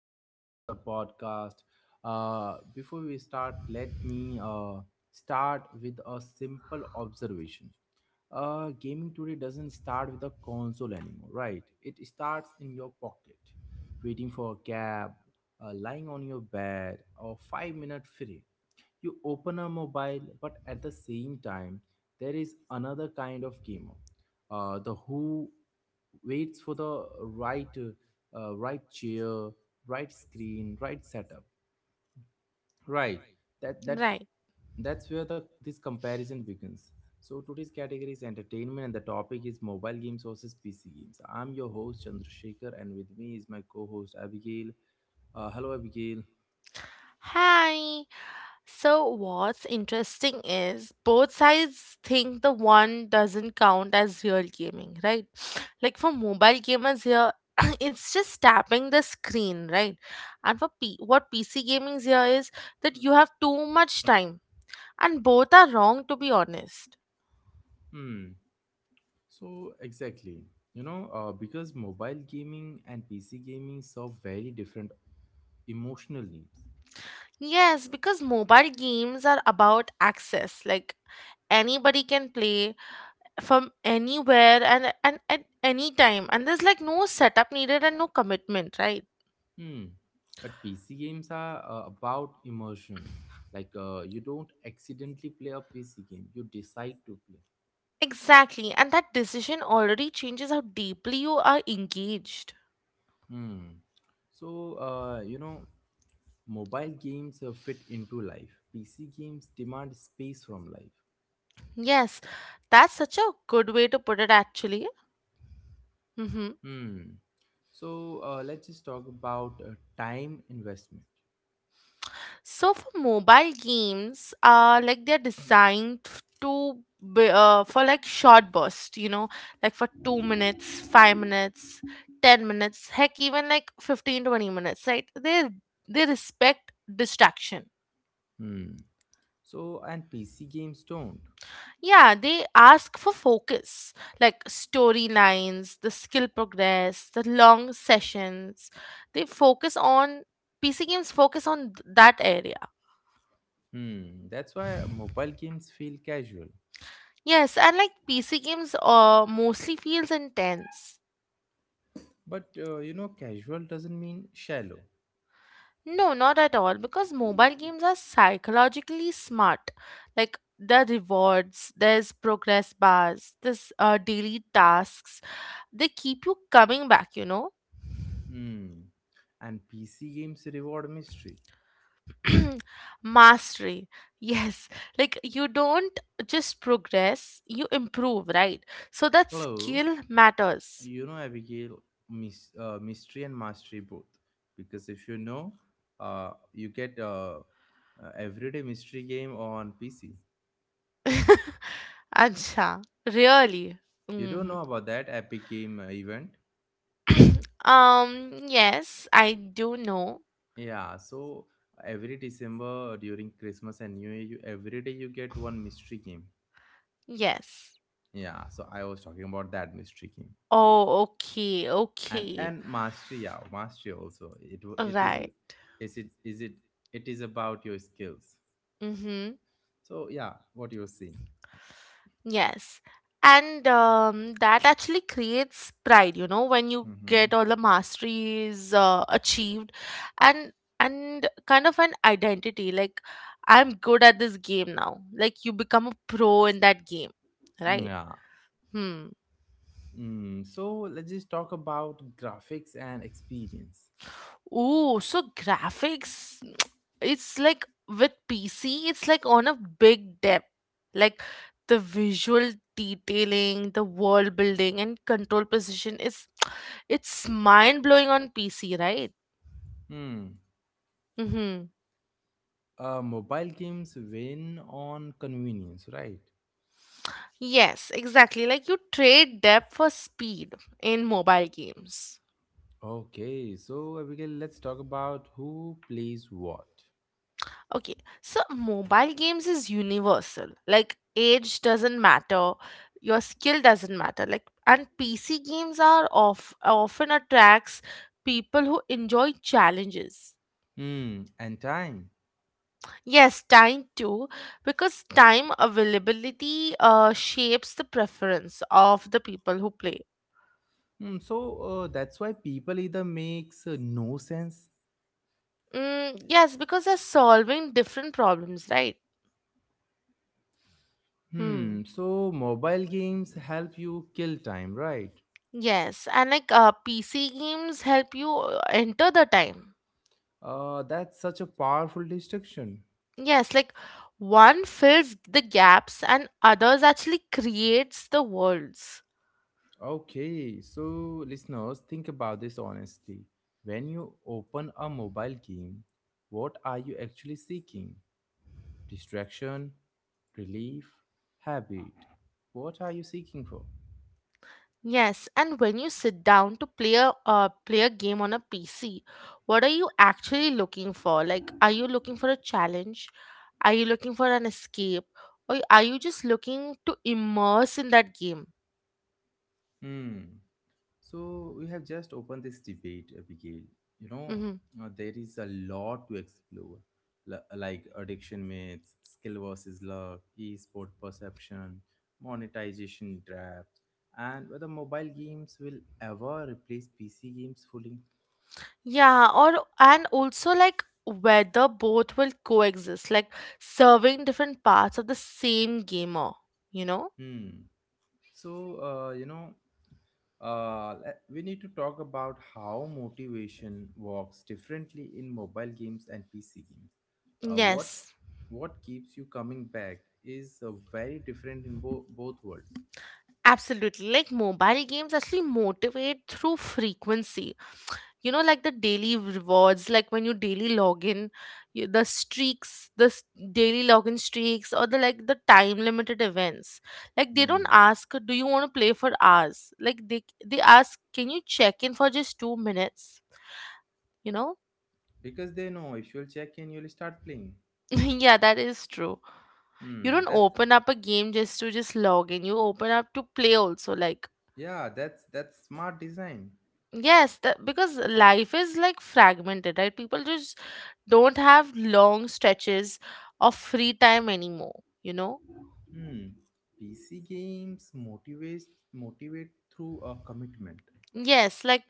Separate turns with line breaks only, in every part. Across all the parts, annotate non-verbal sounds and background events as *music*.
back to another podcast. Before we start, let me start with a simple observation. Gaming today doesn't start with a console anymore, right? It starts in your pocket, waiting for a cab, lying on your bed, or 5 minute free. You open a mobile, but at the same time, there is another kind of gamer, the who waits for the right, right chair, right screen, right setup, right. that that
Right.
that's where the this comparison begins. So today's category is entertainment, and the topic is mobile games versus PC games. I'm your host, Chandrasekhar, and with me is my co-host, Abigail. Hello, Abigail.
Hi. So, what's interesting is both sides think the one doesn't count as real gaming, right? Like for mobile gamers here, *clears throat* it's just tapping the screen, right? And for P- what PC gamings here is that you have too much time. And both are wrong, to be honest.
Hmm. So exactly, because mobile gaming and PC gaming serve very different emotional needs.
Yes, because mobile games are about access. Like anybody can play, from anywhere and at any time, and there's like no setup needed and no commitment, right?
Hmm. But PC games are about immersion. Like you don't accidentally play a PC game, you decide to play.
Exactly, and that decision already changes how deeply you are engaged.
Hmm. So, mobile games fit into life. PC games demand space from life.
Yes, that's such a good way to put it actually. Mm-hmm.
Hmm. So, let's just talk about time investment.
So for mobile games, like they're designed to be, for like short bursts, you know, like for 2 minutes, 5 minutes, 10 minutes, heck, even like 15, 20 minutes, right? They respect distraction.
Hmm. So, and PC games don't.
Yeah, they ask for focus, like storylines, the skill progress, the long sessions. They focus on PC games focus on th- that area.
Hmm. That's why mobile games feel casual.
Yes, and like PC games mostly feels intense.
But, casual doesn't mean shallow.
No, not at all because mobile games are psychologically smart. Like the rewards, there's progress bars, there's daily tasks. They keep you coming back, you know.
Hmm. And PC games reward mystery.
*clears throat* Mastery. Yes, like you don't just progress, you improve, right? So that
Hello,
skill matters.
Abigail. Mystery and mastery both. Because if you know, you get everyday mystery game on PC.
Acha, really.
You don't
Hmm.
know about that Epic Game event?
Yes, I do know.
Yeah. So every December during Christmas and New Year, you, every day you get one mystery game.
Yes.
Yeah. So I was talking about that mystery game.
Oh, okay,
and
okay.
and mastery, yeah, mastery also, it w- it is
Right.
l- is it it is about your skills.
Mm-hmm.
So yeah, what you're saying.
Yes. And that actually creates pride, you know, when you
Mm-hmm.
get all the masteries achieved and and kind of an identity, like I'm good at this game now. Like you become a pro in that game, right?
Yeah.
Hmm.
Mm. So let's just talk about graphics and experience.
Oh, so graphics, *tsk* it's like with PC, it's like on a big depth. Like the visual detailing, the world building, and control precision is, *tsk* it's mind blowing on PC, right?
Hmm.
Mm-hmm.
Mobile games win on convenience, right?
Yes, exactly. Like you trade depth for speed in mobile games.
Okay, so Abigail, let's talk about who plays what.
Okay, so mobile games is universal. Like age doesn't matter, your skill doesn't matter. Like and PC games are of often attracts people who enjoy challenges.
Hmm, and time.
Yes, time too, because time availability shapes the preference of the people who play.
Hmm, so that's why people either makes no sense.
Mm, yes, because they're solving different problems, right? Hmm.
Hmm, so mobile games help you kill time, right?
Yes, and like PC games help you enter the time.
That's such a powerful distraction.
Yes, like one fills the gaps and others actually creates the worlds.
Okay, so listeners, think about this honestly. When you open a mobile game, what are you actually seeking? Distraction, relief, habit. What are you seeking for?
Yes, and when you sit down to play a game on a PC, what are you actually looking for? Like, are you looking for a challenge? Are you looking for an escape? Or are you just looking to immerse in that game?
Hmm. So we have just opened this debate, Abigail. You know,
Mm-hmm.
there is a lot to explore, like addiction myths, skill versus luck, e-sport perception, monetization traps, and whether mobile games will ever replace PC games fully.
Yeah, or and also like whether both will coexist, like serving different parts of the same gamer, you know?
Hmm. So we need to talk about how motivation works differently in mobile games and PC games. Uh, what
Yes,
what keeps you coming back is very different in both worlds.
absolutely. Like mobile games actually motivate through frequency. You know, like the daily rewards, like when you daily log in, you, the streaks, the daily login streaks, or the like the time limited events. Like they don't
Hmm.
ask, do you want to play for hours? Like they ask, can you check in for just 2 minutes? You know?
Because they know if you'll check in, you'll start playing.
*laughs* Yeah, that is true. You
Hmm.
don't
That's
open up a game just to just log in. You open up to play also. Like
Yeah. That's smart design.
yes, that, because life is like fragmented, right? People just don't have long stretches of free time anymore. You know.
Hmm. PC games motivate through a commitment.
Yes, like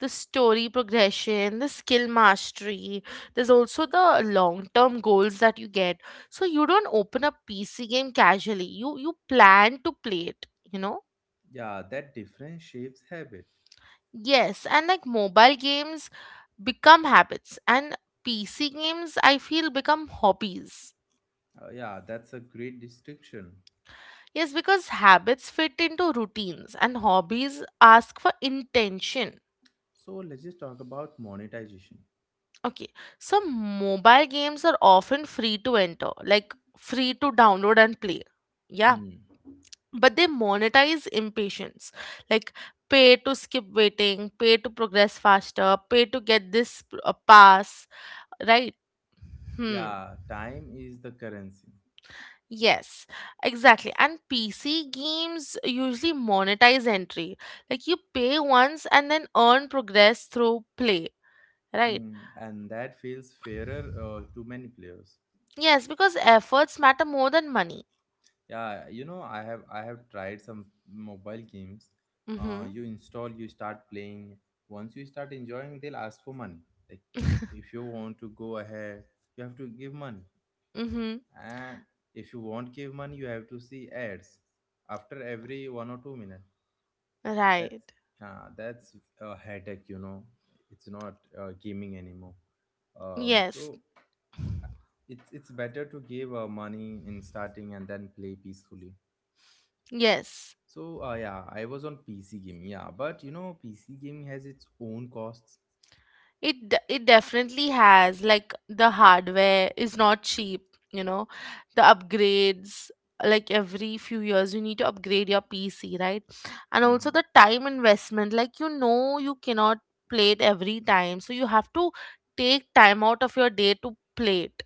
the story progression, the skill mastery. There's also the long-term goals that you get. So you don't open a PC game casually. You plan to play it. You know.
Yeah, that difference shapes habit.
Yes, and like mobile games become habits, and PC games, I feel, become hobbies.
Yeah, that's a great distinction.
Yes, because habits fit into routines, and hobbies ask for intention.
So let's just talk about monetization.
Okay, so mobile games are often free to enter, like free to download and play. Yeah,
Hmm.
but they monetize impatience, like pay to skip waiting, pay to progress faster, pay to get this pass, right? Hmm.
Yeah, time is the currency.
Yes, exactly. And PC games usually monetize entry. Like you pay once and then earn progress through play, right?
Hmm. And that feels fairer to many players.
Yes, because efforts matter more than money.
Yeah, I have tried some mobile games. Uh,
Mm-hmm.
you install, you start playing. Once you start enjoying, they'll ask for money. Like if you want to go ahead, you have to give money.
Mm-hmm.
And if you won't give money, you have to see ads after every 1 or 2 minutes. That's
Right.
that's a headache. It's not gaming anymore. Um,
Yes.
so it's better to give money in starting and then play peacefully.
Yes.
So yeah, I was on PC gaming. Yeah, but PC gaming has its own costs.
It definitely has, like the hardware is not cheap, you know. The upgrades, like every few years you need to upgrade your PC, right? And also
Mhm.
the time investment, like you know you cannot play it every time. So you have to take time out of your day to play it,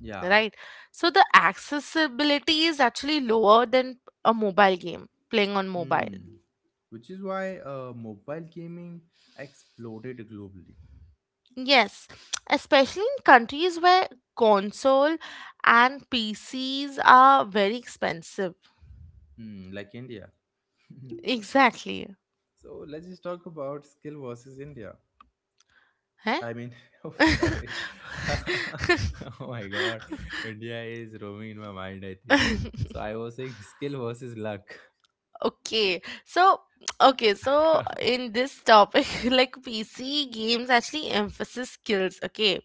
Yeah.
right? So the accessibility is actually lower than a mobile game playing on mobile.
Hmm. Which is why mobile gaming exploded globally.
Yes, especially in countries where console and PCs are very expensive.
Hmm, like India. *laughs*
Exactly.
So let's just talk about skill versus India.
Huh?
I mean, *laughs* oh, sorry. *laughs* Oh my God. India is roaming in my mind, I think.
*laughs*
So I was saying skill versus luck.
Okay, so okay, so
*laughs*
in this topic, *laughs* like PC games actually emphasize skills, okay,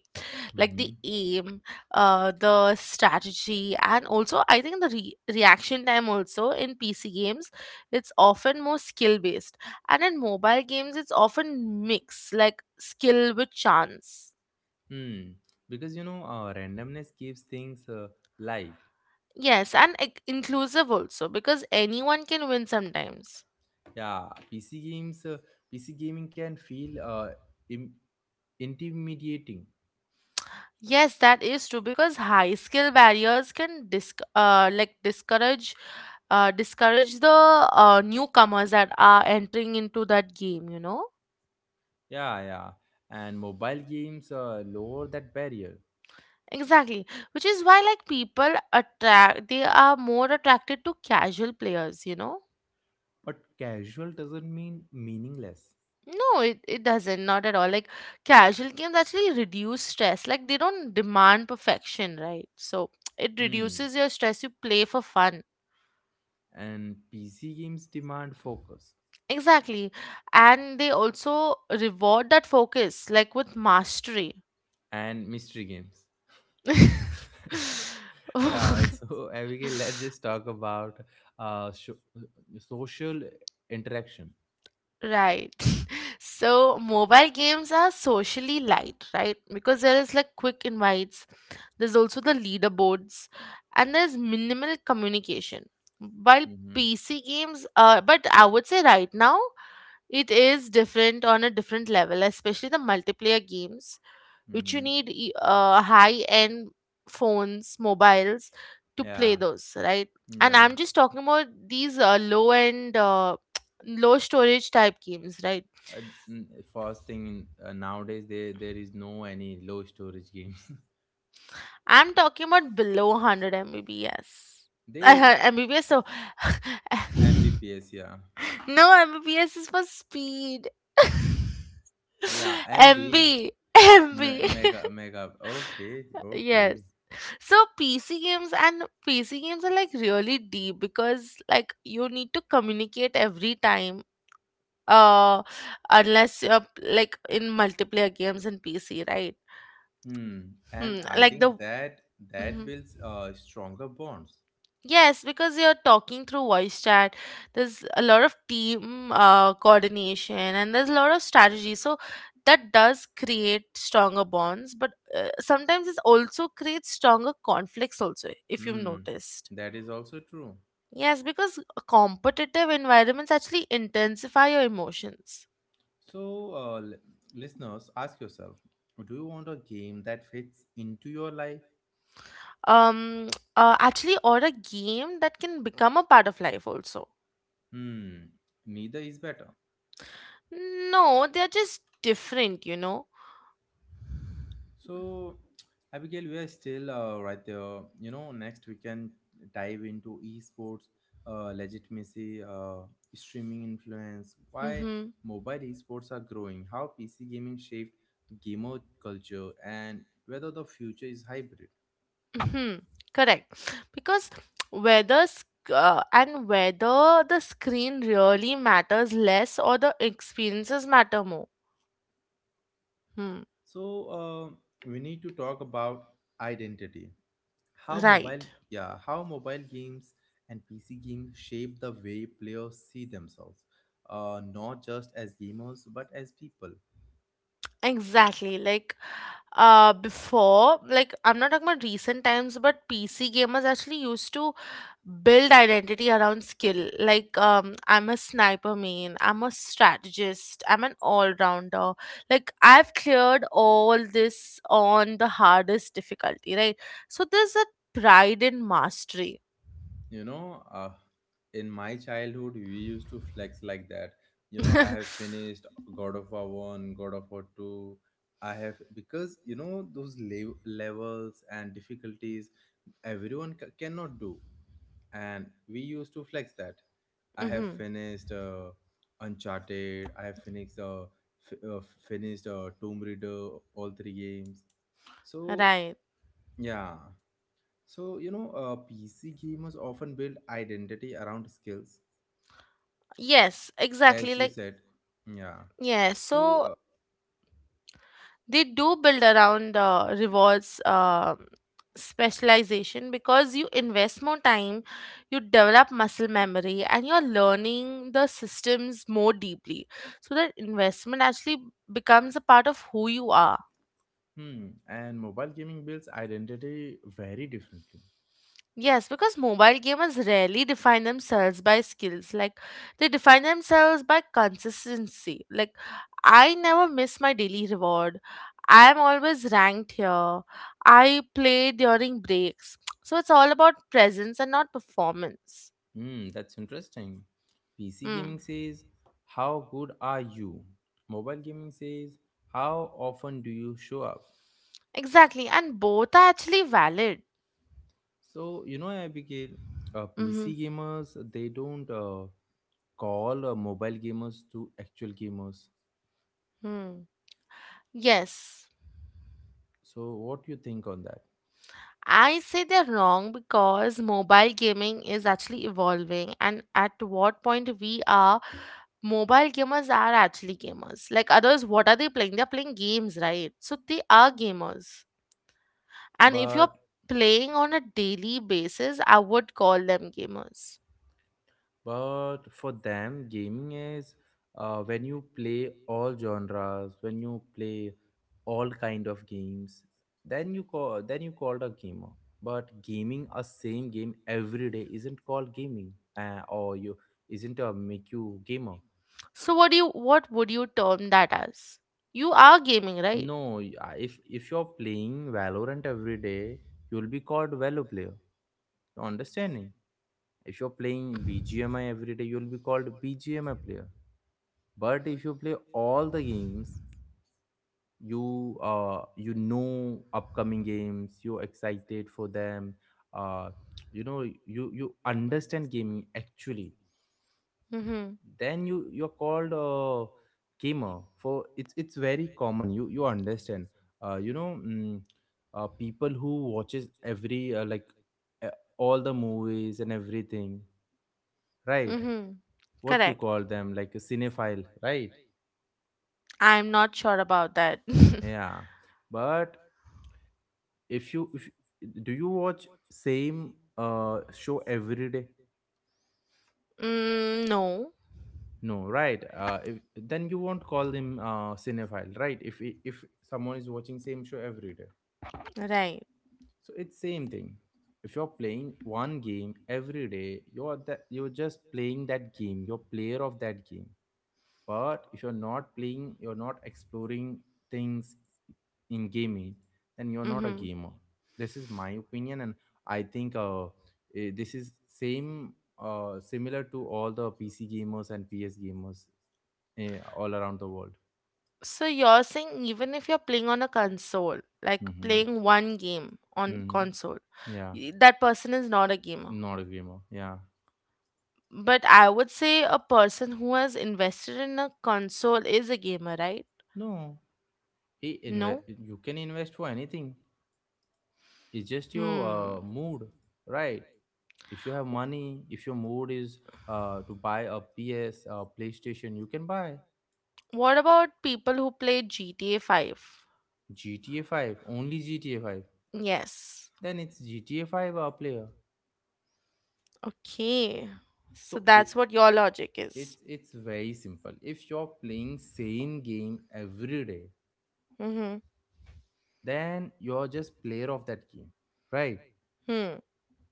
like the
Hmm.
aim, the strategy, and also I think the reaction time also. In PC games, it's often more skill based, and in mobile games, it's often mix like skill with chance.
Hmm. Because, randomness keeps things light.
Yes, and like, inclusive also because anyone can win sometimes.
Yeah. PC games, PC gaming can feel Im- intimidating.
Yes, that is true because high skill barriers can dis like discourage discourage the newcomers that are entering into that game, you know?
Yeah, yeah. And mobile games lower that barrier.
Exactly. Which is why like people attract they are more attracted to casual players, you know?
But casual doesn't mean meaningless.
No, it doesn't, not at all. Like casual games actually reduce stress. Like they don't demand perfection, right? So *tsk* it
Hmm.
reduces your stress. You play for fun.
And PC games demand focus.
Exactly. And they also reward that focus, like with mastery.
And mystery games.
*laughs*
*laughs* Yeah, so Abigail, let's just talk about uh, sho- social interaction.
Right. *laughs* So mobile games are socially light, right? Because there is like quick invites, there's also the leaderboards, and there's minimal communication. While
Mm-hmm.
PC games, but I would say right now it is different on a different level, especially the multiplayer games, which you
Mm-hmm.
need high end phones, mobiles to play
Yeah,
those, right? And
yeah.
I'm just talking about these low end, *tsk* low storage type games, right?
Uh, mm, First thing nowadays, there is no any low storage games.
I'm talking about below 100 Mbps.
*laughs*
I
They
heard Mbps so *laughs*
MBPS, yeah,
no, Mbps is for speed. *laughs*
yeah,
MB.
MB,
*laughs* MB.
mega Okay,
Yes.
okay.
So PC games are like really deep because like you need to communicate every time, uh unless you're like in multiplayer games in PC, right?
Hmm.
Hmm.
And I
Like
think
the
that that
Mhm.
builds stronger bonds.
Yes, because you're talking through voice chat. There's a lot of team coordination and there's a lot of strategy. So that does create stronger bonds, but sometimes it also creates stronger conflicts also, if you've
Hmm.
noticed.
That is also true.
Yes, because competitive environments actually intensify your emotions.
So, listeners, ask yourself, do you want a game that fits into your life?
Um, *tsk* actually, or a game that can become a part of life also.
Hmm, neither is better.
No, they're just different, you know.
So, Abigail, we are still right there. Next we can dive into esports, legitimacy, streaming influence, why
Mm-hmm.
mobile esports are growing, how PC gaming shaped gamer culture, and whether the future is hybrid.
Mm-hmm. Correct. Because and whether the screen really matters less or the experiences matter more. Hmm.
So, we need to talk about identity, how mobile
Right.
yeah, how mobile games and PC games shape the way players see themselves, not just as gamers but as people.
Exactly. Like uh, before, like I'm not talking about recent times, but PC gamers actually used to build identity around skill, like um, I'm a sniper main, I'm a strategist, I'm an all-rounder, like I've cleared all this on the hardest difficulty, right? So there's a pride in mastery.
you know uh, in my childhood we used to flex like that. I have finished God of War 1, God of War 2. I have, because, those levels and difficulties everyone cannot do. And we used to flex that. I have
Mm-hmm.
finished Uncharted. I have finished Tomb Raider all three games. So
Right.
yeah, so PC gamers often build identity around skills,
Yes, exactly,
as you
like,
said. Yeah,
yeah,
so
so they do build around rewards, um, specialization, because you invest more time, you develop muscle memory and you're learning the systems more deeply, so that investment actually becomes a part of who you are.
hmm, and mobile gaming builds identity very differently.
Yes, because mobile gamers rarely define themselves by skills. Like they define themselves by consistency. Like I never miss my daily reward. I am always ranked here. I play during breaks. *tsk* So it's all about presence and not performance.
Hmm, that's interesting. PC gaming
Hmm.
says, how good are you? Mobile gaming says, how often do you show up?
Exactly. And both are actually valid.
So, Abigail,
Mm-hmm.
PC gamers, they don't call mobile gamers to actual gamers.
Hmm. Yes.
So, what do you think on that?
I say they're wrong because mobile gaming is actually evolving, and at what point we are, mobile gamers are actually gamers. Like others, what are they playing? They're playing games, right? So they are gamers. And if you're
But
playing on a daily basis, I would call them gamers.
but for them gaming is when you play all genres, when you play all kind of games, then you called a gamer. But gaming a same game every day isn't called gaming, or you isn't a make you gamer.
So what do you, what would you term that as? You are gaming, right?
No, if you're playing Valorant every day, you'll be called Valo player. You understanding? If you're playing BGMI every day, you'll be called BGMI player. But if you play all the games, you know upcoming games, you're excited for them. Uh you know you you understand gaming actually,
Mm-hmm.
then you're called a gamer. For it's it's very common, you understand. uh you know mm, People who watches every like uh, all the movies and everything, right?
Mm-hmm.
What you
Correct.
call them, like a cinephile, right?
I'm not sure about that. *laughs*
Yeah, but if you if, do you watch same show every day?
Mm, no.
No, right. If, Then you won't call him cinephile, right? If someone is watching same show every day.
Right.
So it's same thing. If you're playing one game every day, you're just playing that game, you're player of that game. But if you're not playing, you're not exploring things in gaming, then you're not a
Mm-hmm.
gamer. This is my opinion, and I think this is same, similar to all the PC gamers and PS gamers all around the world.
So you're saying even if you're playing on a console, like
Mm-hmm.
playing one game on
Hmm.
console,
Yeah,
that person is not a gamer.
not a gamer. Yeah,
But I would say a person who has invested in a console is a gamer, right?
no, he invest.
No?
You can invest for anything. It's just your
Hmm.
mood, right? If you have money, if your mood is to buy a PS, a PlayStation, you can buy
What about people who play GTA 5?
GTA 5, only GTA 5,
Yes.
then it's GTA 5, a five are player.
Okay. So
So it,
that's what your logic is.
it's very simple. If you're playing same game every day,
Mm-hmm.
then you're just player of that game, right?
Hmm.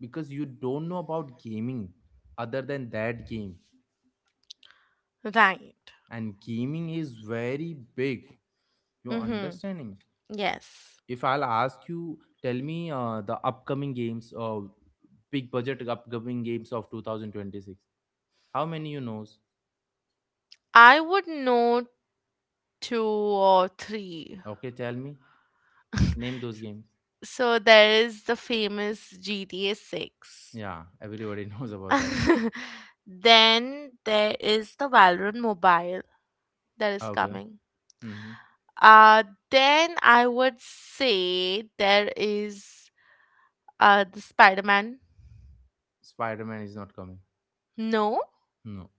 Because you don't know about gaming other than that game.
Right.
And gaming is very big. You're
Mm-hmm.
understanding?
Yes.
If I'll ask you, tell me the upcoming games or big budget upcoming games of 2026. How many you knows?
I would know two or three.
Okay, tell me. Name those games.
So there is the famous GTA 6.
Yeah, everybody *laughs* knows about that.
*laughs* Then there is the Valorant Mobile that is
Okay.
coming.
Mm-hmm.
Uh, then I would say there is the Spider-Man.
Spider-Man is not coming.
No.
No.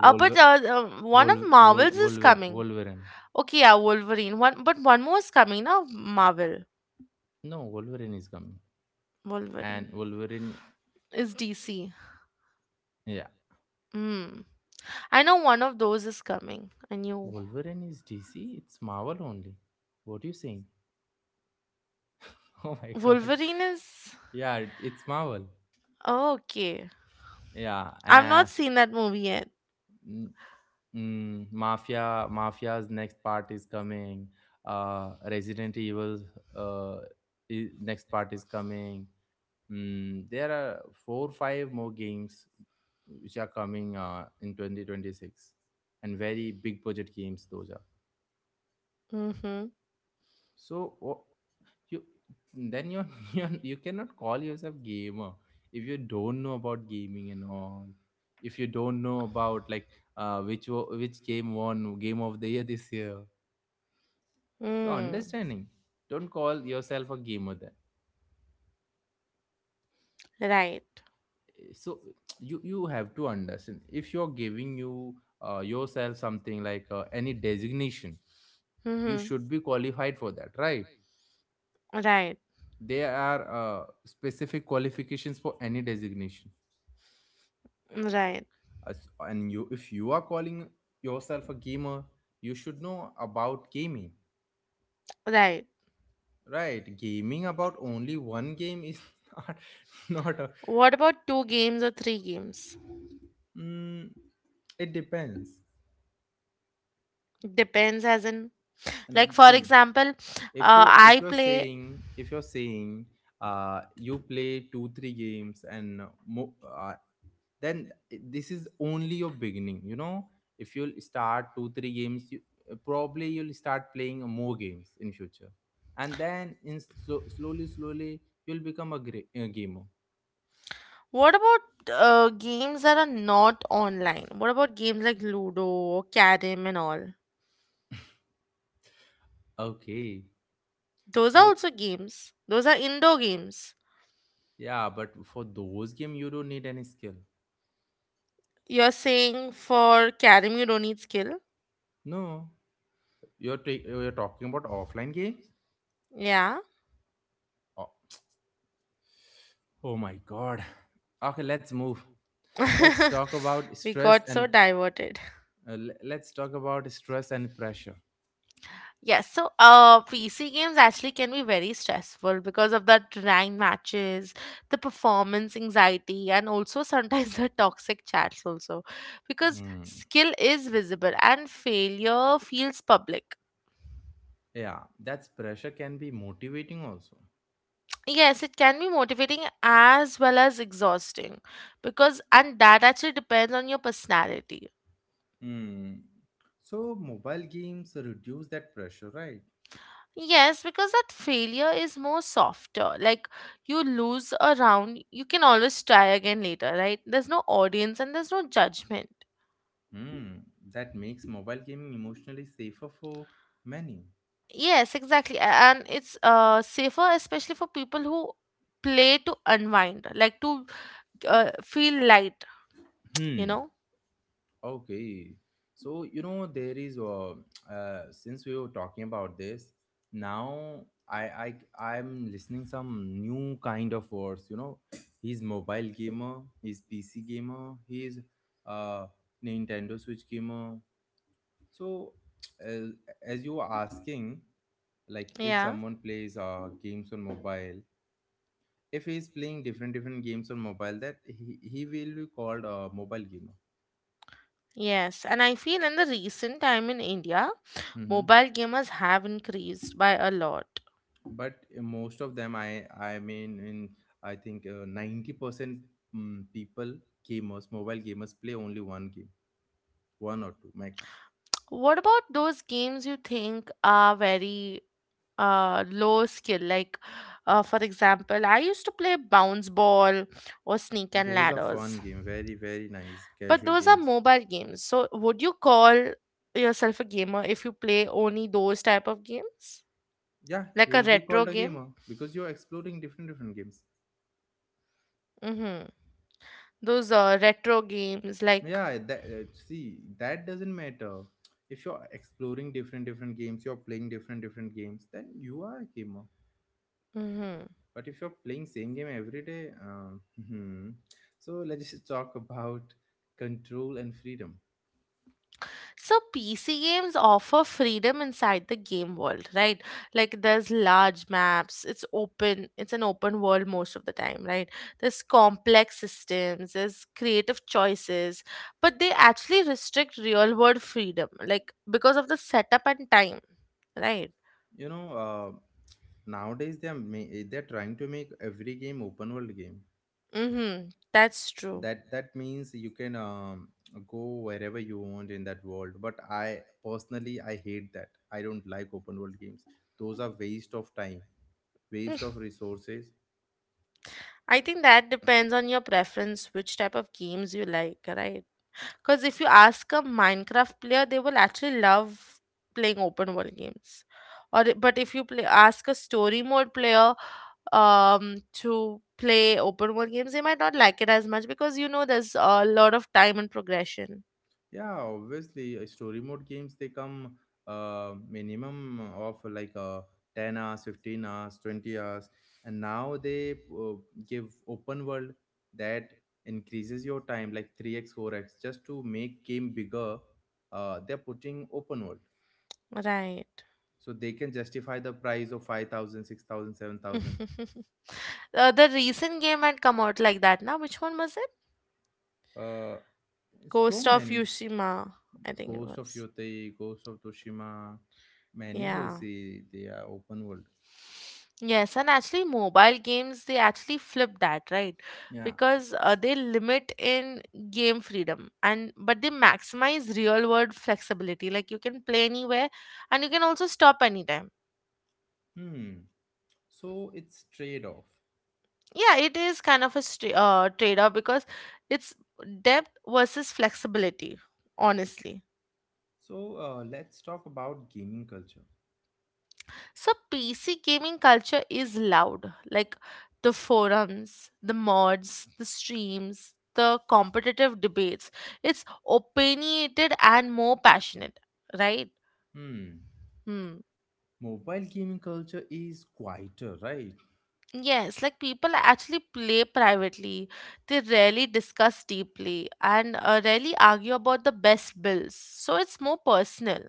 Uh, but
Wolver-
uh, uh, one of Marvel's is coming.
Wolverine.
Okay, yeah, Wolverine. One, but one more is coming now. Marvel,
No, Wolverine is coming. And
Wolverine.
Wolverine,
Is DC.
yeah.
Mm. I know one of those is coming. I knew
Wolverine is DC. It's Marvel only. What are you saying? *laughs* Oh my God.
Wolverine is
Yeah, it's Marvel.
okay.
Yeah.
I've not
And
seen that movie yet.
mm, Mafia's next part is coming. Resident Evil, uh, next part is coming. There are four five more games which are coming in 2026, and very big budget games those are.
Mm-hmm.
So you then you're, *laughs* you cannot call yourself gamer if you don't know about gaming and all, if you don't know about like which game won game of the year this year. You're
Mm.
understanding? Don't call yourself a gamer then.
Right.
So you have to understand, if you're giving you yourself something like any designation, you
Mm-hmm.
should be qualified for that, right?
Right.
There are specific qualifications for any designation.
Right.
And you, if you are calling yourself a gamer, you should know about gaming.
Right.
Right, gaming about only one game is *laughs* not, not a.
What about two games or three games?
Mm, it depends.
Depends, as in, like
And
for
see,
example,
if you if
I
you're
play.
saying if you're saying you play two three games and mo- uh, then this is only your beginning, you know. If you'll start two three games, you probably you'll start playing more games in future, and then in slowly slowly you'll become a, great, a gamer.
What about games that are not online? What about games like Ludo or Carom and all?
Okay,
Those are
though,
also games. Those are indoor games.
yeah, but for those game you don't need any skill.
You're saying for Carom you don't need skill?
No, you're talking about offline games.
Yeah,
Oh, oh my god. Okay, let's move. Let's talk about
we
stress
got so
and
diverted.
let's talk about stress and pressure.
Yes, so PC games actually can be very stressful because of the rank matches, the performance anxiety, and also *laughs* sometimes the toxic chats also. Because
Hmm.
skill is visible and failure feels public.
Yeah, that's pressure can be motivating also.
Yes, it can be motivating as well as exhausting because, and that actually depends on your personality.
Hmm. So mobile games reduce that pressure, right?
Yes, because that failure is more softer. Like you lose a round, you can always try again later, right? There's no audience and there's no judgment.
Hmm. That makes mobile gaming emotionally safer for many.
Yes, exactly. And it's safer, especially for people who play to unwind, like to feel light, you
Hmm.
know?
Okay, so you know there is *tsk* since we were talking about this now, I'm listening some new kind of words, you know. He's mobile gamer, he's PC gamer, he's uh Nintendo Switch gamer. So *tsk* as, as you were asking, like if
Yeah.
someone plays games on mobile, if he's playing different different games on mobile, that he will be called a mobile gamer.
Yes, and I feel in the recent time in India,
Mm-hmm.
mobile gamers have increased by a lot.
But most of them I mean in I think 90% people, gamers, mobile gamers play only one game, one or two max.
What about those games you think are very low skill? Like, for example, I used to play bounce ball or sneak and
Those are
ladders,
fun game, very very nice
but
casual
those are
games.
mobile games. So, would you call yourself a gamer if you play only those type of games,
Yeah,
like
you
a
will be
retro
called a
game?
gamer because you're exploring different different games.
Mm-hmm. Those retro games, like.
Yeah, that see that doesn't matter. If you're exploring different different games, you're playing different different games, then you are a gamer.
Mm-hmm.
But if you're playing same game every day, *laughs* hmm. So let's just talk about control and freedom.
So PC games offer freedom inside the game world, right? Like there's large maps, it's open, it's an open world most of the time, right? There's complex systems, there's creative choices, but they actually restrict real world freedom, like because of the setup and time, right?
You know, nowadays they are they're trying to make every game open world game.
Mm-hmm. That's true.
That means you can go wherever you want in that world. But I personally I hate that. I don't like open world games. Those are waste of time, waste
Mm,
of resources.
I think that depends on your preference, which type of games you like, right? Because if you ask a Minecraft player, they will actually love playing open world games. Or but if you play ask a story mode player um to play open world games, they might not like it as much because you know there's a lot of time and progression.
Yeah, obviously, story mode games they come minimum of 10 hours, 15 hours, 20 hours, and now they give open world that increases your time like 3x, 4x just to make game bigger. They're putting open world
Right.
so they can justify the price of 5,000, 6,000, 7,000.
*laughs* The recent game had come out like that now. Which one was it?
6,000. So
Ghost of
many.
Yushima, I think it
Ghost of
was.
Yotei, Ghost of Toshima, many you'll
Yeah.
see they are open world.
Yes, and actually, mobile games they actually flip that, right?
Yeah.
Because they limit in game freedom and but they maximize real world flexibility. Like you can play anywhere and you can also stop anytime.
Hmm. So it's trade-off.
Yeah, it is kind of a trade off because it's depth versus flexibility, honestly.
So let's talk about gaming culture.
So PC gaming culture is loud, like the forums, the mods, the streams, the competitive debates. It's opinionated and more passionate, right?
Hmm.
Hmm.
Mobile gaming culture is quieter, right?
Yes, like people actually play privately. They rarely discuss deeply and rarely argue about the best builds. So it's more personal.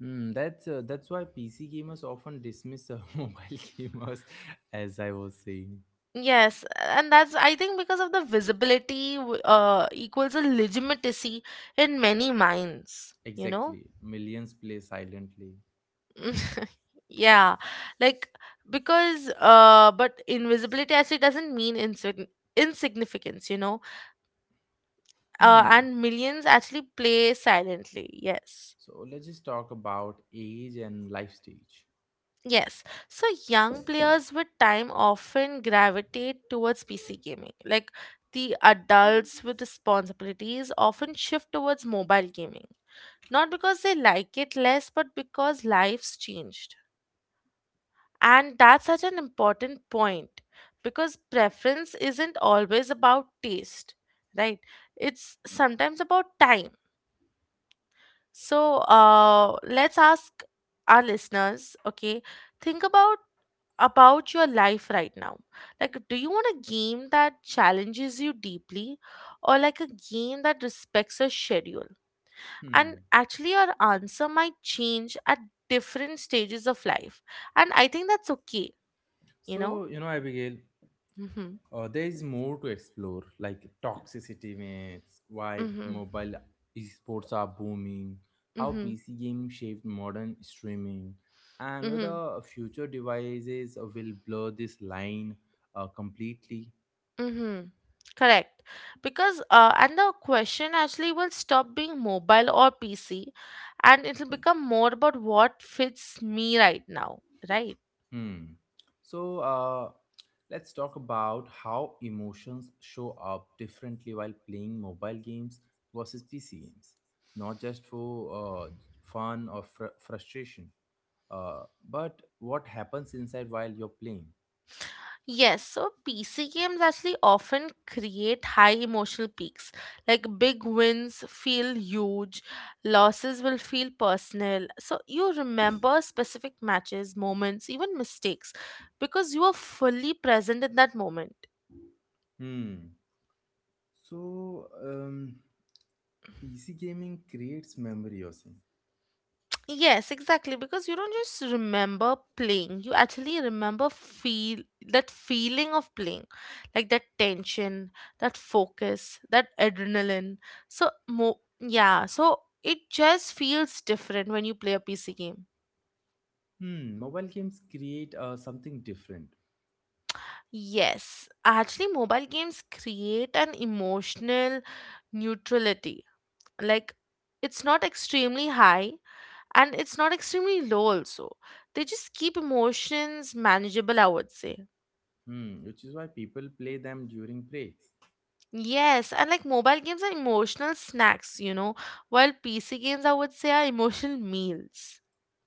Hmm. That's why PC gamers often dismiss *laughs* mobile gamers, as I was saying.
Yes, and that's I think because of the visibility equals a legitimacy in many minds, you know?
Exactly. Millions play silently.
*laughs* Yeah, like because but invisibility actually doesn't mean insignificance, you know? Uh,
Hmm.
and millions actually play silently. Yes.
So let's just talk about age and life stage.
Yes, so young players with time often gravitate towards PC gaming. Like the adults with responsibilities often shift towards mobile gaming. Not because they like it less, but because lives changed. And that's such an important point because preference isn't always about taste, right? It's sometimes about time. So let's ask our listeners, okay, think about your life right now. Like, do you want a game that challenges you deeply or like a game that respects your schedule? And
Hmm.
actually, your answer might change at different stages of life. And I think that's okay, you know?
So you know, Abigail,
Mm-hmm.
There is more to explore, like toxicity myths, why
Mm-hmm.
mobile esports are booming, how PC gaming shaped modern streaming, and whether future devices will blur this line completely.
Mm-hmm. Correct. Because and the question actually will stop being mobile or PC and it'll become more about what fits me right now, right?
Hmm. So, let's talk about how emotions show up differently while playing mobile games versus PC games, not just for uh, fun or frustration. But what happens inside while you're playing?
Yes, so PC games actually often create high emotional peaks. Like big wins feel huge, losses will feel personal. So you remember specific matches, moments, even mistakes because you are fully present in that moment.
Hmm. So, PC gaming creates memory, you're saying.
Yes, exactly. Because you don't just remember playing, you actually remember feel that feeling of playing, like that tension, that focus, that adrenaline. So it just feels different when you play a PC game.
Hmm. Mobile games create something different.
Yes, actually mobile games create an emotional neutrality. Like it's not extremely high and it's not extremely low also. They just keep emotions manageable, I would say.
Hmm. Which is why people play them during breaks.
Yes, and like mobile games are emotional snacks, while PC games, I would say, are emotional meals.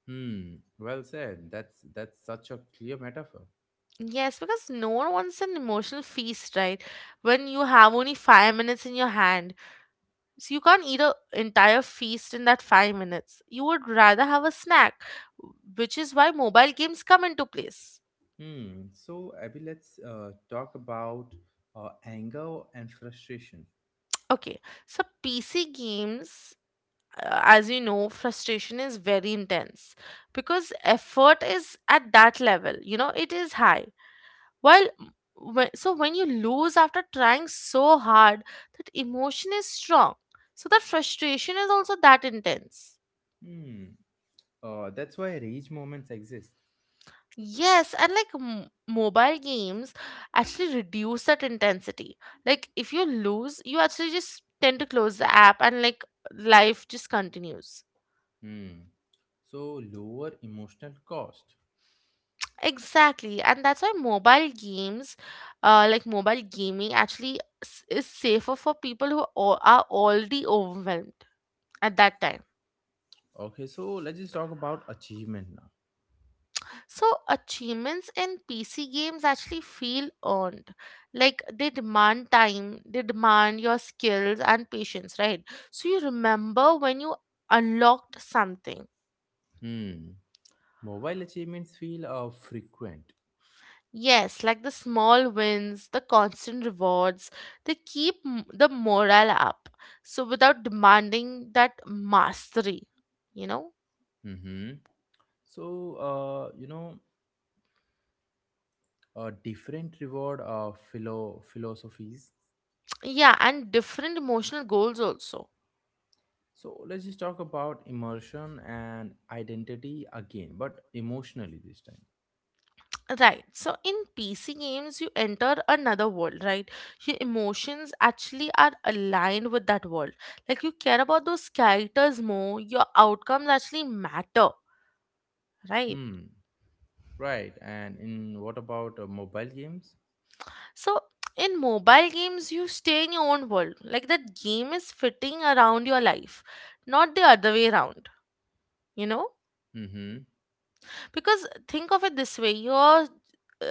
Hmm. Well said. That's such a clear metaphor.
Yes, because no one wants an emotional feast, right? When you have only 5 minutes in your hand. So you can't eat an entire feast in that 5 minutes. You would rather have a snack, which is why mobile games come into place.
Hmm. So, Abby, let's talk about anger and frustration.
Okay, so PC games, as you know, frustration is very intense because effort is at that level, you know, it is high while so when you lose after trying so hard, that emotion is strong, so that frustration is also that intense.
Hmm. That's why rage moments exist.
Yes, and like mobile games actually reduce that intensity. Like if you lose, you actually just tend to close the app, and like life just continues.
Hmm. So lower emotional cost.
Exactly, and that's why mobile games like mobile gaming actually is safer for people who are already overwhelmed at that time.
Okay, so let's just talk about achievement now.
So achievements in PC games actually feel earned. Like they demand time, they demand your skills and patience, right? So you remember when you unlocked something.
Hmm. Mobile achievements feel frequent.
Yes, like the small wins, the constant rewards, they keep the morale up. So without demanding that mastery, you know?
Mm-hmm. So you know different reward philosophies.
Yeah, and different emotional goals also.
So let's just talk about immersion and identity again, but emotionally this time.
Right. So in PC games, you enter another world, right? Your emotions actually are aligned with that world. Like you care about those characters more, your outcomes actually matter, right?
Hmm. Right, and in what about mobile games?
So in mobile games, you stay in your own world. Like that game is fitting around your life, not the other way around, you know?
Mm-hmm.
Because think of it this way, you're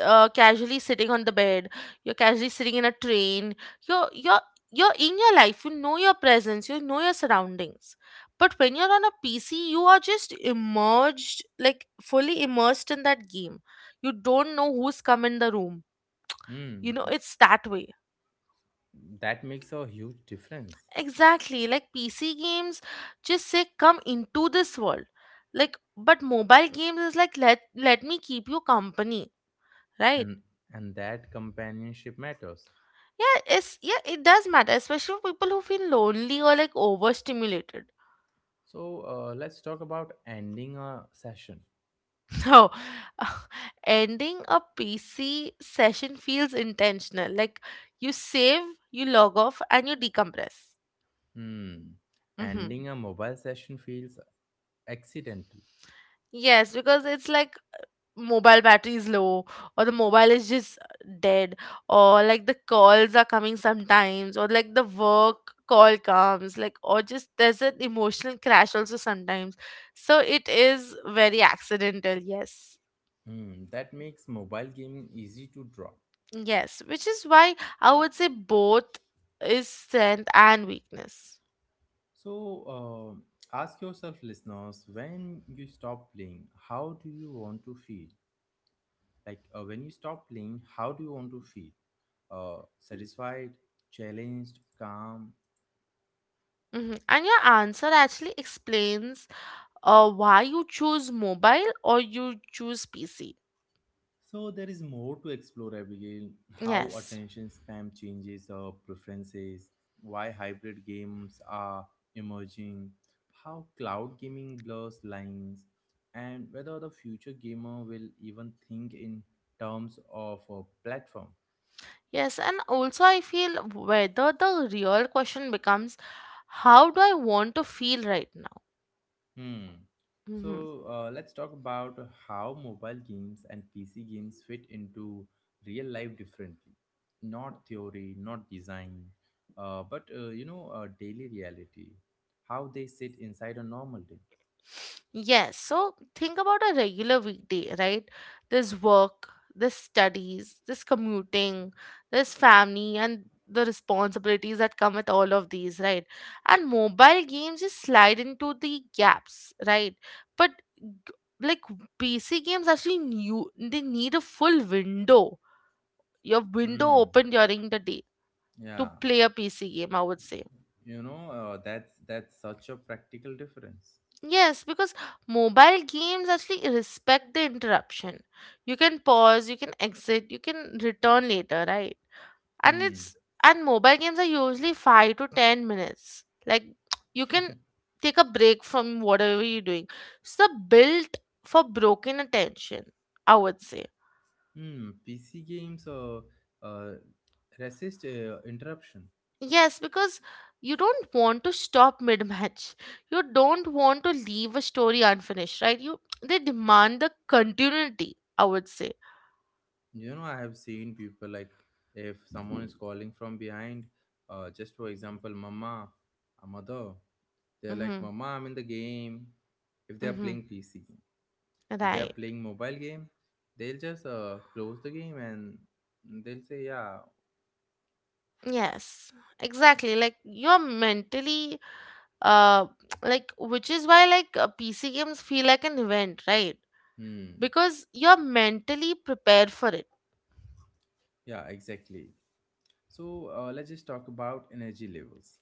casually sitting on the bed, you're casually sitting in a train, you're, you're, you're in your life, you know your presence, you know your surroundings. But when you're on a PC, you are just immersed, like fully immersed in that game. You don't know who's come in the room. You
Hmm,
know, it's that way.
that makes a huge difference.
Exactly. Like PC games just say, come into this world. Like, but mobile games is like, let me keep you company, right?
and and that companionship matters.
Yeah, it does matter, especially for people who feel lonely or like overstimulated.
So let's talk about ending a session.
*laughs* So, *laughs* ending a PC session feels intentional. Like you save, you log off, and you decompress.
Hmm.
Hmm.
Ending a mobile session feels accidental.
Yes, because it's like mobile battery is low, or the mobile is just dead, or like the calls are coming sometimes, or like the work call comes, like, or just there's an emotional crash also sometimes, so it is very accidental, yes.
Hmm. That makes mobile gaming easy to drop.
Yes, which is why I would say both is strength and weakness.
So ask yourself listeners, when you stop playing how do you want to feel? Like when you stop playing how do you want to feel? Satisfied, challenged, calm?
Hmm. And your answer actually explains why you choose mobile or you choose PC.
So there is more to explore, Abigail: how
Yes.
attention spam changes our preferences, why hybrid games are emerging, how cloud gaming blurs lines, and whether the future gamer will even think in terms of a platform.
Yes, and also I feel whether the real question becomes how do I want to feel right now?
Hmm.
Hmm.
So let's talk about how mobile games and PC games fit into real life differently. Not theory, not design, but daily reality. How they sit inside a normal day.
Yes, so think about a regular weekday, right? There's work, there's studies, there's commuting, there's family, and the responsibilities that come with all of these, right? And mobile games just slide into the gaps, right? But g- like PC games actually new they need a full window, your window
Hmm.
open during the day to
Yeah.
play a PC game, I would say.
You know, that's such a practical difference.
Yes, because mobile games actually respect the interruption. You can pause, you can exit, you can return later, right? And
Hmm.
it's and mobile games are usually 5 to 10 minutes. Like *tsk* you can take a break from whatever you're doing. So built for broken attention, I would say.
Hmm. PC games uh, resist interruption.
Yes, because you don't want to stop mid-match. You don't want to leave a story unfinished, right? You they demand the continuity, I would say.
You know, I have seen people, like if someone is calling from behind, just for example mama, a mother, they're like,
Mm-hmm.
mama, I'm in the game, if they are
Mm-hmm.
playing PC game. If they are
Right.
playing mobile game, they'll just close the game and they'll say yeah.
Yes. Exactly. Like you're mentally uh *tsk* which is why PC games feel like an event, right?
Hmm.
Because you're mentally prepared for it.
Yeah, exactly. So let's just talk about energy levels.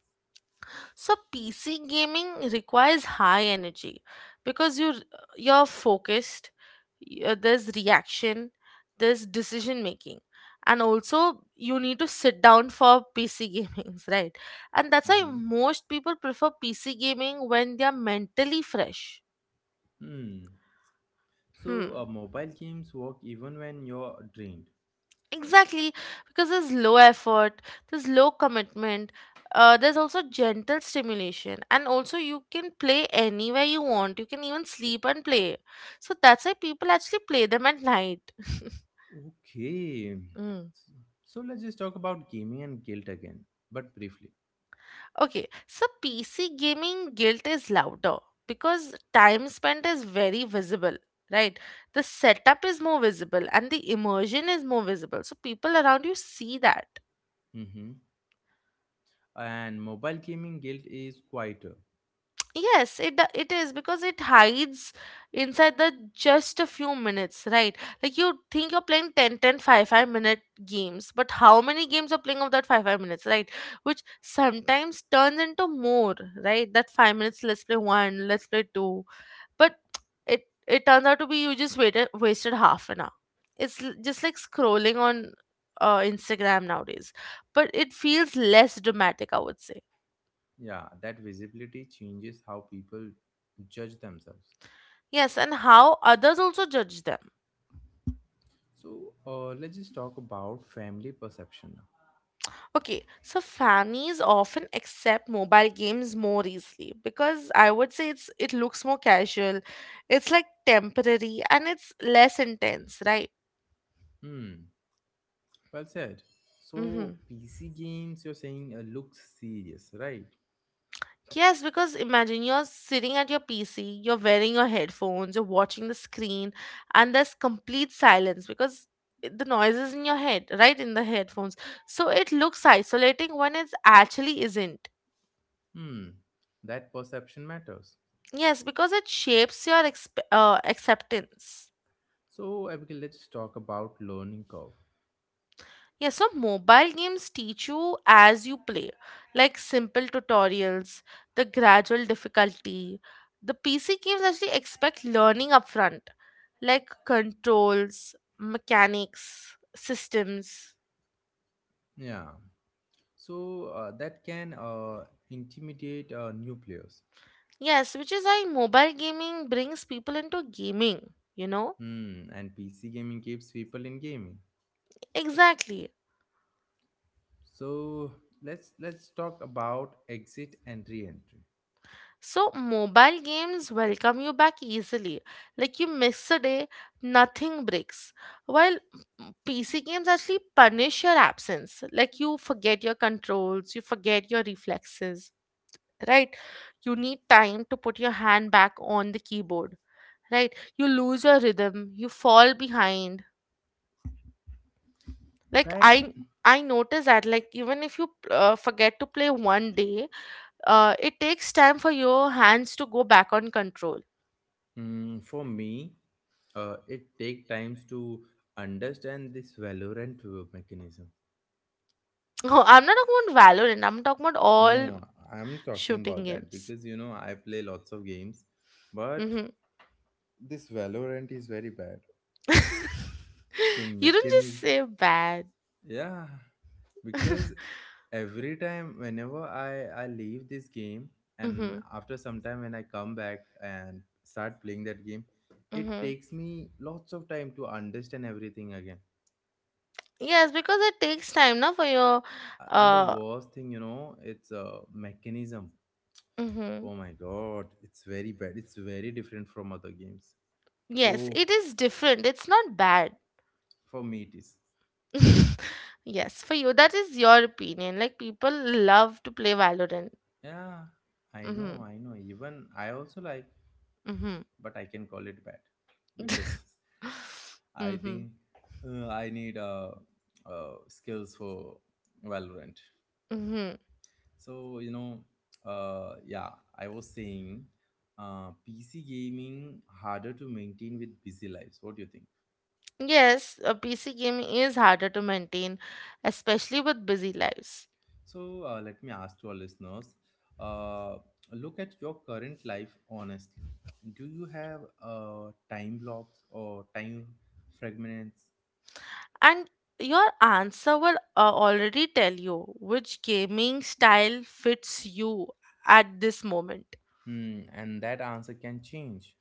So PC gaming requires high energy because you're focused, there's reaction, there's decision making. And also you need to sit down for *laughs* PC gamings, right? And that's why
Hmm.
most people prefer PC gaming when they are mentally fresh.
Hmm.
Hmm.
So mobile games work even when you're drained.
Exactly, because there's low effort, there's low commitment, there's also gentle stimulation, and also you can play anywhere you want. You can even sleep and play. So that's why people actually play them at night. *laughs*
Okay.
Mm.
So let's just talk about gaming and guilt again, but briefly.
Okay, so PC gaming guilt is louder because time spent is very visible, right? The setup is more visible and the immersion is more visible. So people around you see that.
Mm-hmm. And mobile gaming guilt is quieter.
Yes, it is because it hides inside the just a few minutes, right? Like you think you're playing ten 5 minute games, but how many games you're playing of that 5 minutes, right? Which sometimes turns into more, right? That 5 minutes, let's play 1, let's play 2. But *tsk* it turns out to be you just waited wasted half an hour. Just like scrolling on Instagram nowadays, but it feels less dramatic, I would say.
Yeah, that visibility changes how people judge themselves.
Yes, and how others also judge them.
So let's just talk about family perception now.
Okay, so families often accept mobile games more easily because I would say it looks more casual. It's like temporary and it's less intense, right?
Hmm. Well said. So
Mhm.
PC games, you're saying looks serious, right?
Yes, because imagine you're sitting at your PC, you're wearing your headphones, you're watching the screen and there's complete silence because the noise is in your head, right in the headphones. So it looks isolating when it actually isn't.
Hmm. That perception matters.
Yes, because it shapes your acceptance.
So Abigail, let's talk about learning curve.
Yeah, so mobile games teach you as you play, like simple tutorials, the gradual difficulty. The PC games actually expect learning upfront, like controls, mechanics, systems.
Yeah. So that can intimidate new players.
Yes, which is why mobile gaming brings people into gaming?
Hmm, and PC gaming keeps people in gaming.
Exactly.
So let's talk about exit and re-entry.
So, mobile games welcome you back easily. Like you miss a day, nothing breaks. While PC games actually punish your absence. Like you forget your controls, you forget your reflexes, right? You need time to put your hand back on the keyboard, right? You lose your rhythm, you fall behind. Like
That
I notice that, like even if you forget to play one day, it takes time for your hands to go back on control.
mm, for me, it take times to understand this Valorant mechanism.
No, I'm not talking about Valorant. I'm talking about all
No, I'm talking
shooting
about that
games.
because you know I play lots of games, but
Hmm.
this Valorant is very bad. The
You don't just
mechanism.
say bad.
Yeah, because every time whenever I leave this game,
Hmm.
and after some time when I come back and start playing that game, it
Hmm.
takes me lots of time to understand everything again.
Yes, because it takes time, now for your
And the
uh.
worst thing, you know, it's a mechanism.
Hmm.
Oh my god, it's very bad. It's very different from other games.
Yes,
So
it is different. It's not bad.
for me, it is.
*laughs*
It's
yes, for you, that is your opinion. Like people love to play Valorant.
yeah. I
Mm-hmm.
know, I know, even I also like,
Mm-hmm.
but I can call it bad because *laughs*
*laughs*
I
mm-hmm.
think I need skills for Valorant.
Mm-hmm.
So you know, uh, yeah, I was saying PC gaming harder to maintain with busy lives. What do you think?
Yes, a PC game is harder to maintain, especially with busy lives.
So let me ask to our listeners: uh, look at your current life honestly. Do you have time blocks or time fragments?
And your answer will already tell you which gaming style fits you at this moment.
Hmm, and that answer can change.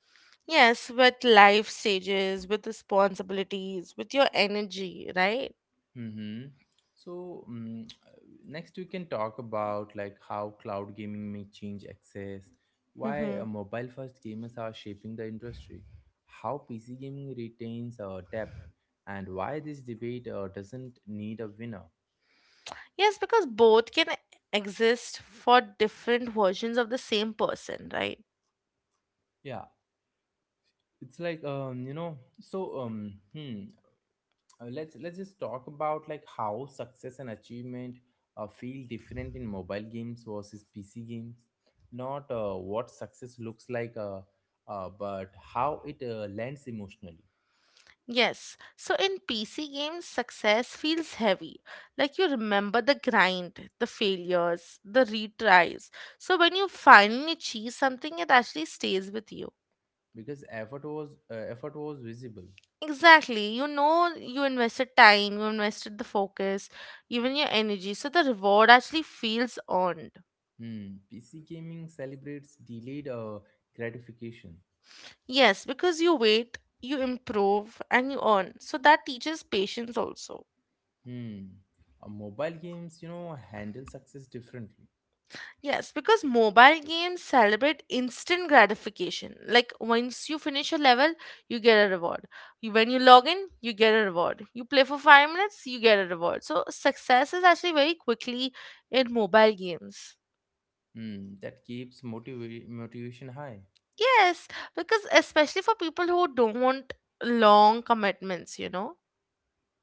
Yes, with life stages, with responsibilities, with your energy, right?
Mm-hmm. So mm, next we can talk about like how cloud gaming may change access, why
Hmm.
mobile first gamers are shaping the industry, how PC gaming retains depth, and why this debate doesn't need a winner.
Yes, because both can exist for different versions of the same person, right?
Yeah, it's like you know, so let's just talk about like how success and achievement feel different in mobile games versus PC games, not what success looks like but how it lands emotionally.
Yes. So in PC games, success feels heavy. Like you remember the grind, the failures, the retries. So when you finally achieve something, it actually stays with you.
Because effort was visible.
Exactly. You know, you invested time, you invested the focus, even your energy. So the reward actually feels earned.
Hmm. PC gaming celebrates delayed gratification.
Yes, because you wait, you improve, and you earn. So that teaches patience also.
Hmm. Mobile games you know handle success differently.
Yes, because mobile games celebrate instant gratification. Like once you finish a level, you get a reward. You, when you log in, you get a reward. You play for 5 minutes, you get a reward. So success is actually very quickly in mobile games.
Hmm. That keeps motivation high.
Yes, because especially for people who don't want long commitments.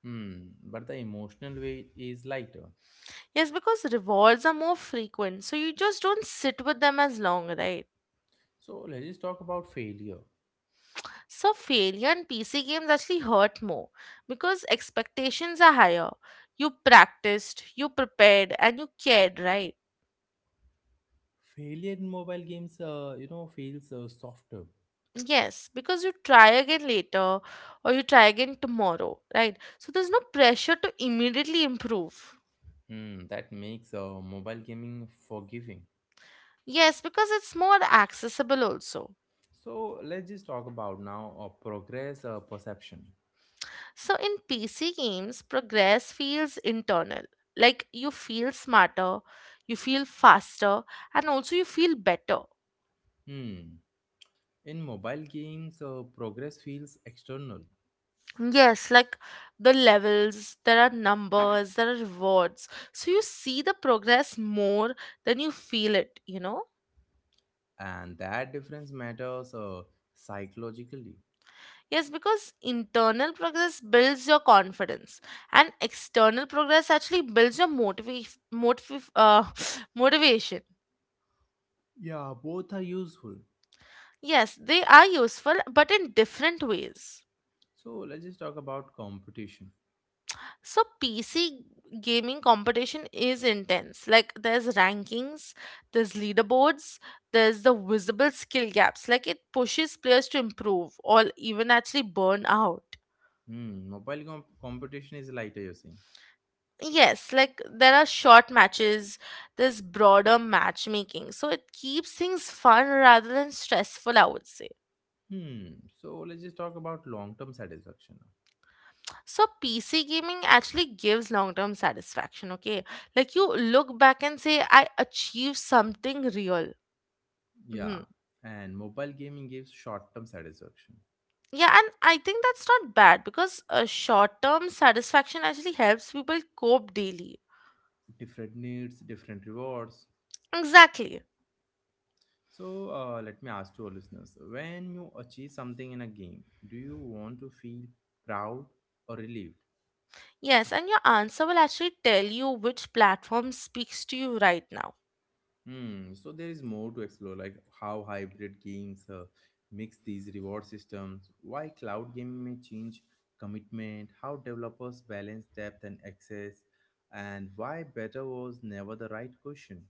Hmm, but the emotional weight is lighter.
Yes, because rewards are more frequent, so you just don't sit with them as long, right?
So let's just talk about failure.
So failure in PC games actually hurt more because expectations are higher. You practiced, you prepared, and you cared, right?
Failure in mobile games, you know, feels softer.
Yes, because you try again later or you try again tomorrow, right? So there's no pressure to immediately improve.
Hmm, that makes mobile gaming forgiving.
Yes, because it's more accessible also.
So let's just talk about now progress perception.
So in PC games, progress feels internal. Like you feel smarter, you feel faster, and also you feel better.
Hmm, in mobile games, progress feels external.
Yes, like the levels, there are numbers, there are rewards. So you see the progress more than you feel it?
And that difference matters psychologically.
Yes, because internal progress builds your confidence, and external progress actually builds your *sighs* *sniffs* motivation.
Yeah, both are useful.
Yes, they are useful, but in different ways.
So let's just talk about competition.
So PC gaming competition is intense. Like there's rankings, there's leaderboards, there's the visible skill gaps. Like it pushes players to improve or even actually burn out.
Hmm, mobile competition is lighter, you're saying.
Yes, like there are short matches, there's broader matchmaking. So it keeps things fun rather than stressful, I would say.
Hmm. So let's just talk about long-term satisfaction now.
So PC gaming actually gives long-term satisfaction, okay? Like you look back and say I achieved something real.
Yeah.
Mhm.
And mobile gaming gives short-term satisfaction.
Yeah, and I think that's not bad because short term satisfaction actually helps people cope daily.
Different needs, different rewards.
Exactly.
So let me ask to our listeners: when you achieve something in a game, do you want to feel proud or relieved?
Yes, and your answer will actually tell you which platform speaks to you right now.
Hmm. So there is more to explore, like how hybrid games mix these reward systems, why cloud gaming may change commitment, how developers balance depth and access, and why better was never the right question.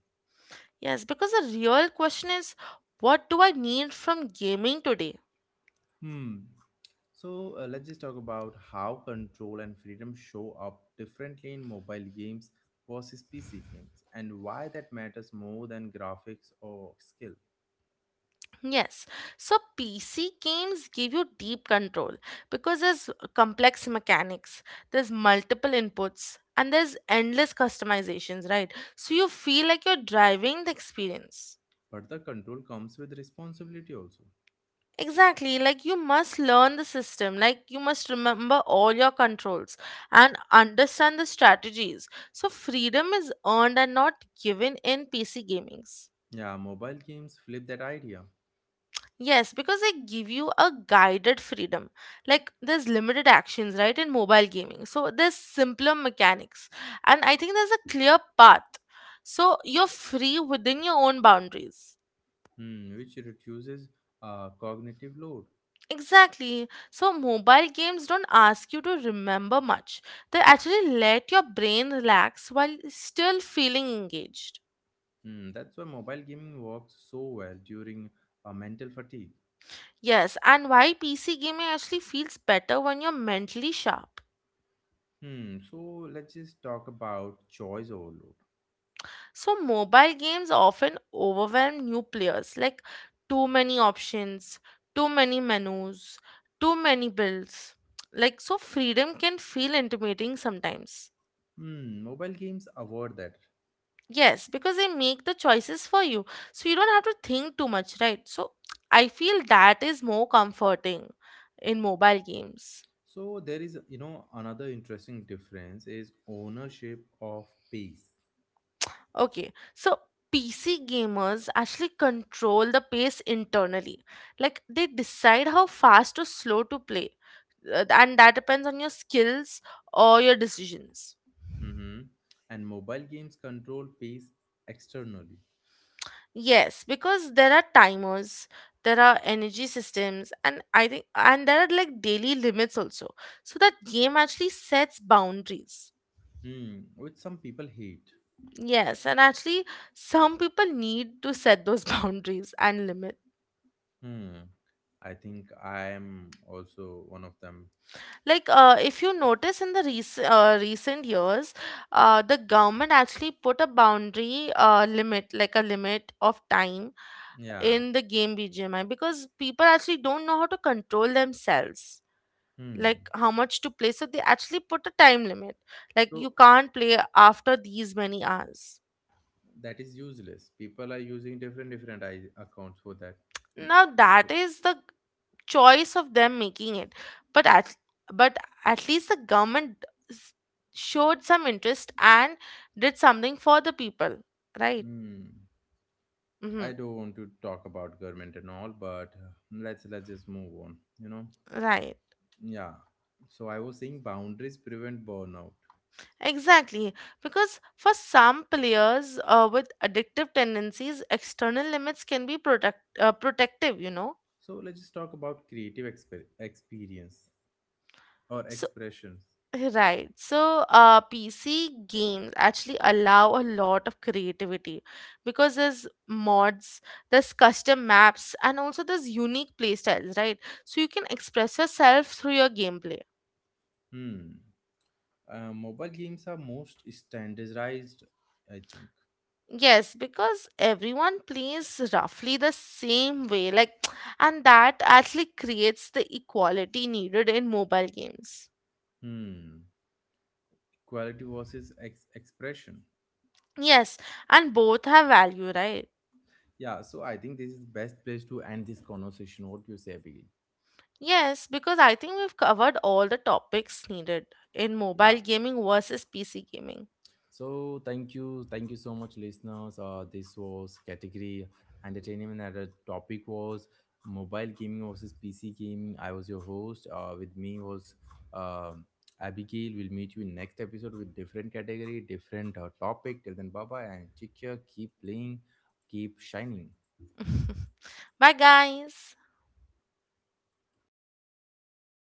Yes, because the real question is what do I need from gaming today?
Hmm. So let's just talk about how control and freedom show up differently in mobile games versus PC games, and why that matters more than graphics or skill.
Yes, so PC games give you deep control because there's complex mechanics, there's multiple inputs, and there's endless customizations, right? So you feel like you're driving the experience.
But the control comes with responsibility also.
Exactly, like you must learn the system, like you must remember all your controls and understand the strategies. So, freedom is earned and not given in PC gamings.
Yeah, mobile games flip that idea.
Yes, because they give you a guided freedom. Like there's limited actions, right, in mobile gaming. So, there's simpler mechanics, and I think there's a clear path. So, you're free within your own boundaries.
Hmm, which reduces cognitive load.
Exactly. So mobile games don't ask you to remember much. They actually let your brain relax while still feeling engaged.
Hmm, that's why mobile gaming works so well during mental fatigue.
Yes, and why PC gaming actually feels better when you're mentally sharp.
Hmm, so let's just talk about choice overload.
So mobile games often overwhelm new players, like too many options, too many menus, too many builds. Like so freedom can feel intimidating sometimes.
Hmm, mobile games avoid that.
Yes, because they make the choices for you. So you don't have to think too much, right? So I feel that is more comforting in mobile games.
So there is, you know, another interesting difference is ownership of pace.
Okay, so PC gamers actually control the pace internally. Like they decide how fast or slow to play. And that depends on your skills or your decisions.
Mm-hmm. And mobile games control pace externally.
Yes, because there are timers, there are energy systems, and I think and there are like daily limits also. So that game actually sets boundaries.
Hmm, which some people hate.
Yes, and actually some people need to set those *laughs* boundaries and limits.
Hmm. I think I am also one of them.
Like if you notice in the recent years, the government actually put a boundary limit, like a limit of time
Yeah.
in the game BGMI because people actually don't know how to control themselves,
Hmm.
like how much to play, so they actually put a time limit, like you
So
can't play after these many hours.
that is useless. People are using different different I accounts for that. Y-.
Now that is the choice of them making it, but at but at least the government s- showed some interest and did something for the people, right?
Hmm. I
Mm-hmm.
don't want to talk about government and all, but let's just move on. You know.
Right,
Yeah. So I was saying boundaries prevent burnout.
exactly, because for some players with addictive tendencies, external limits can be protective, you know.
So let's just talk about creative experience or
So,
expressions.
PC games actually allow a lot of creativity because there's mods, there's custom maps, and also there's unique playstyles, right? So you can express yourself through your gameplay.
Hmm. Mobile games are most standardized, I think.
Yes, because everyone plays roughly the same way, like, *tsk* and that actually creates the equality needed in mobile games.
Hmm. Quality versus expression.
Yes, and both have value, right?
Yeah, so I think this is the best place to end this conversation. What you say, Abhigay?
Yes, because I think we've covered all the topics needed in
Yeah,
mobile gaming versus PC gaming.
so thank you, thank you so much listeners. This was category entertainment, and the topic was mobile gaming versus PC gaming. I was your host, with me was um Abigail. We'll meet you in next episode with different category, different topic. Till then, bye bye and take care. Keep playing, keep shining.
*laughs* Bye, guys.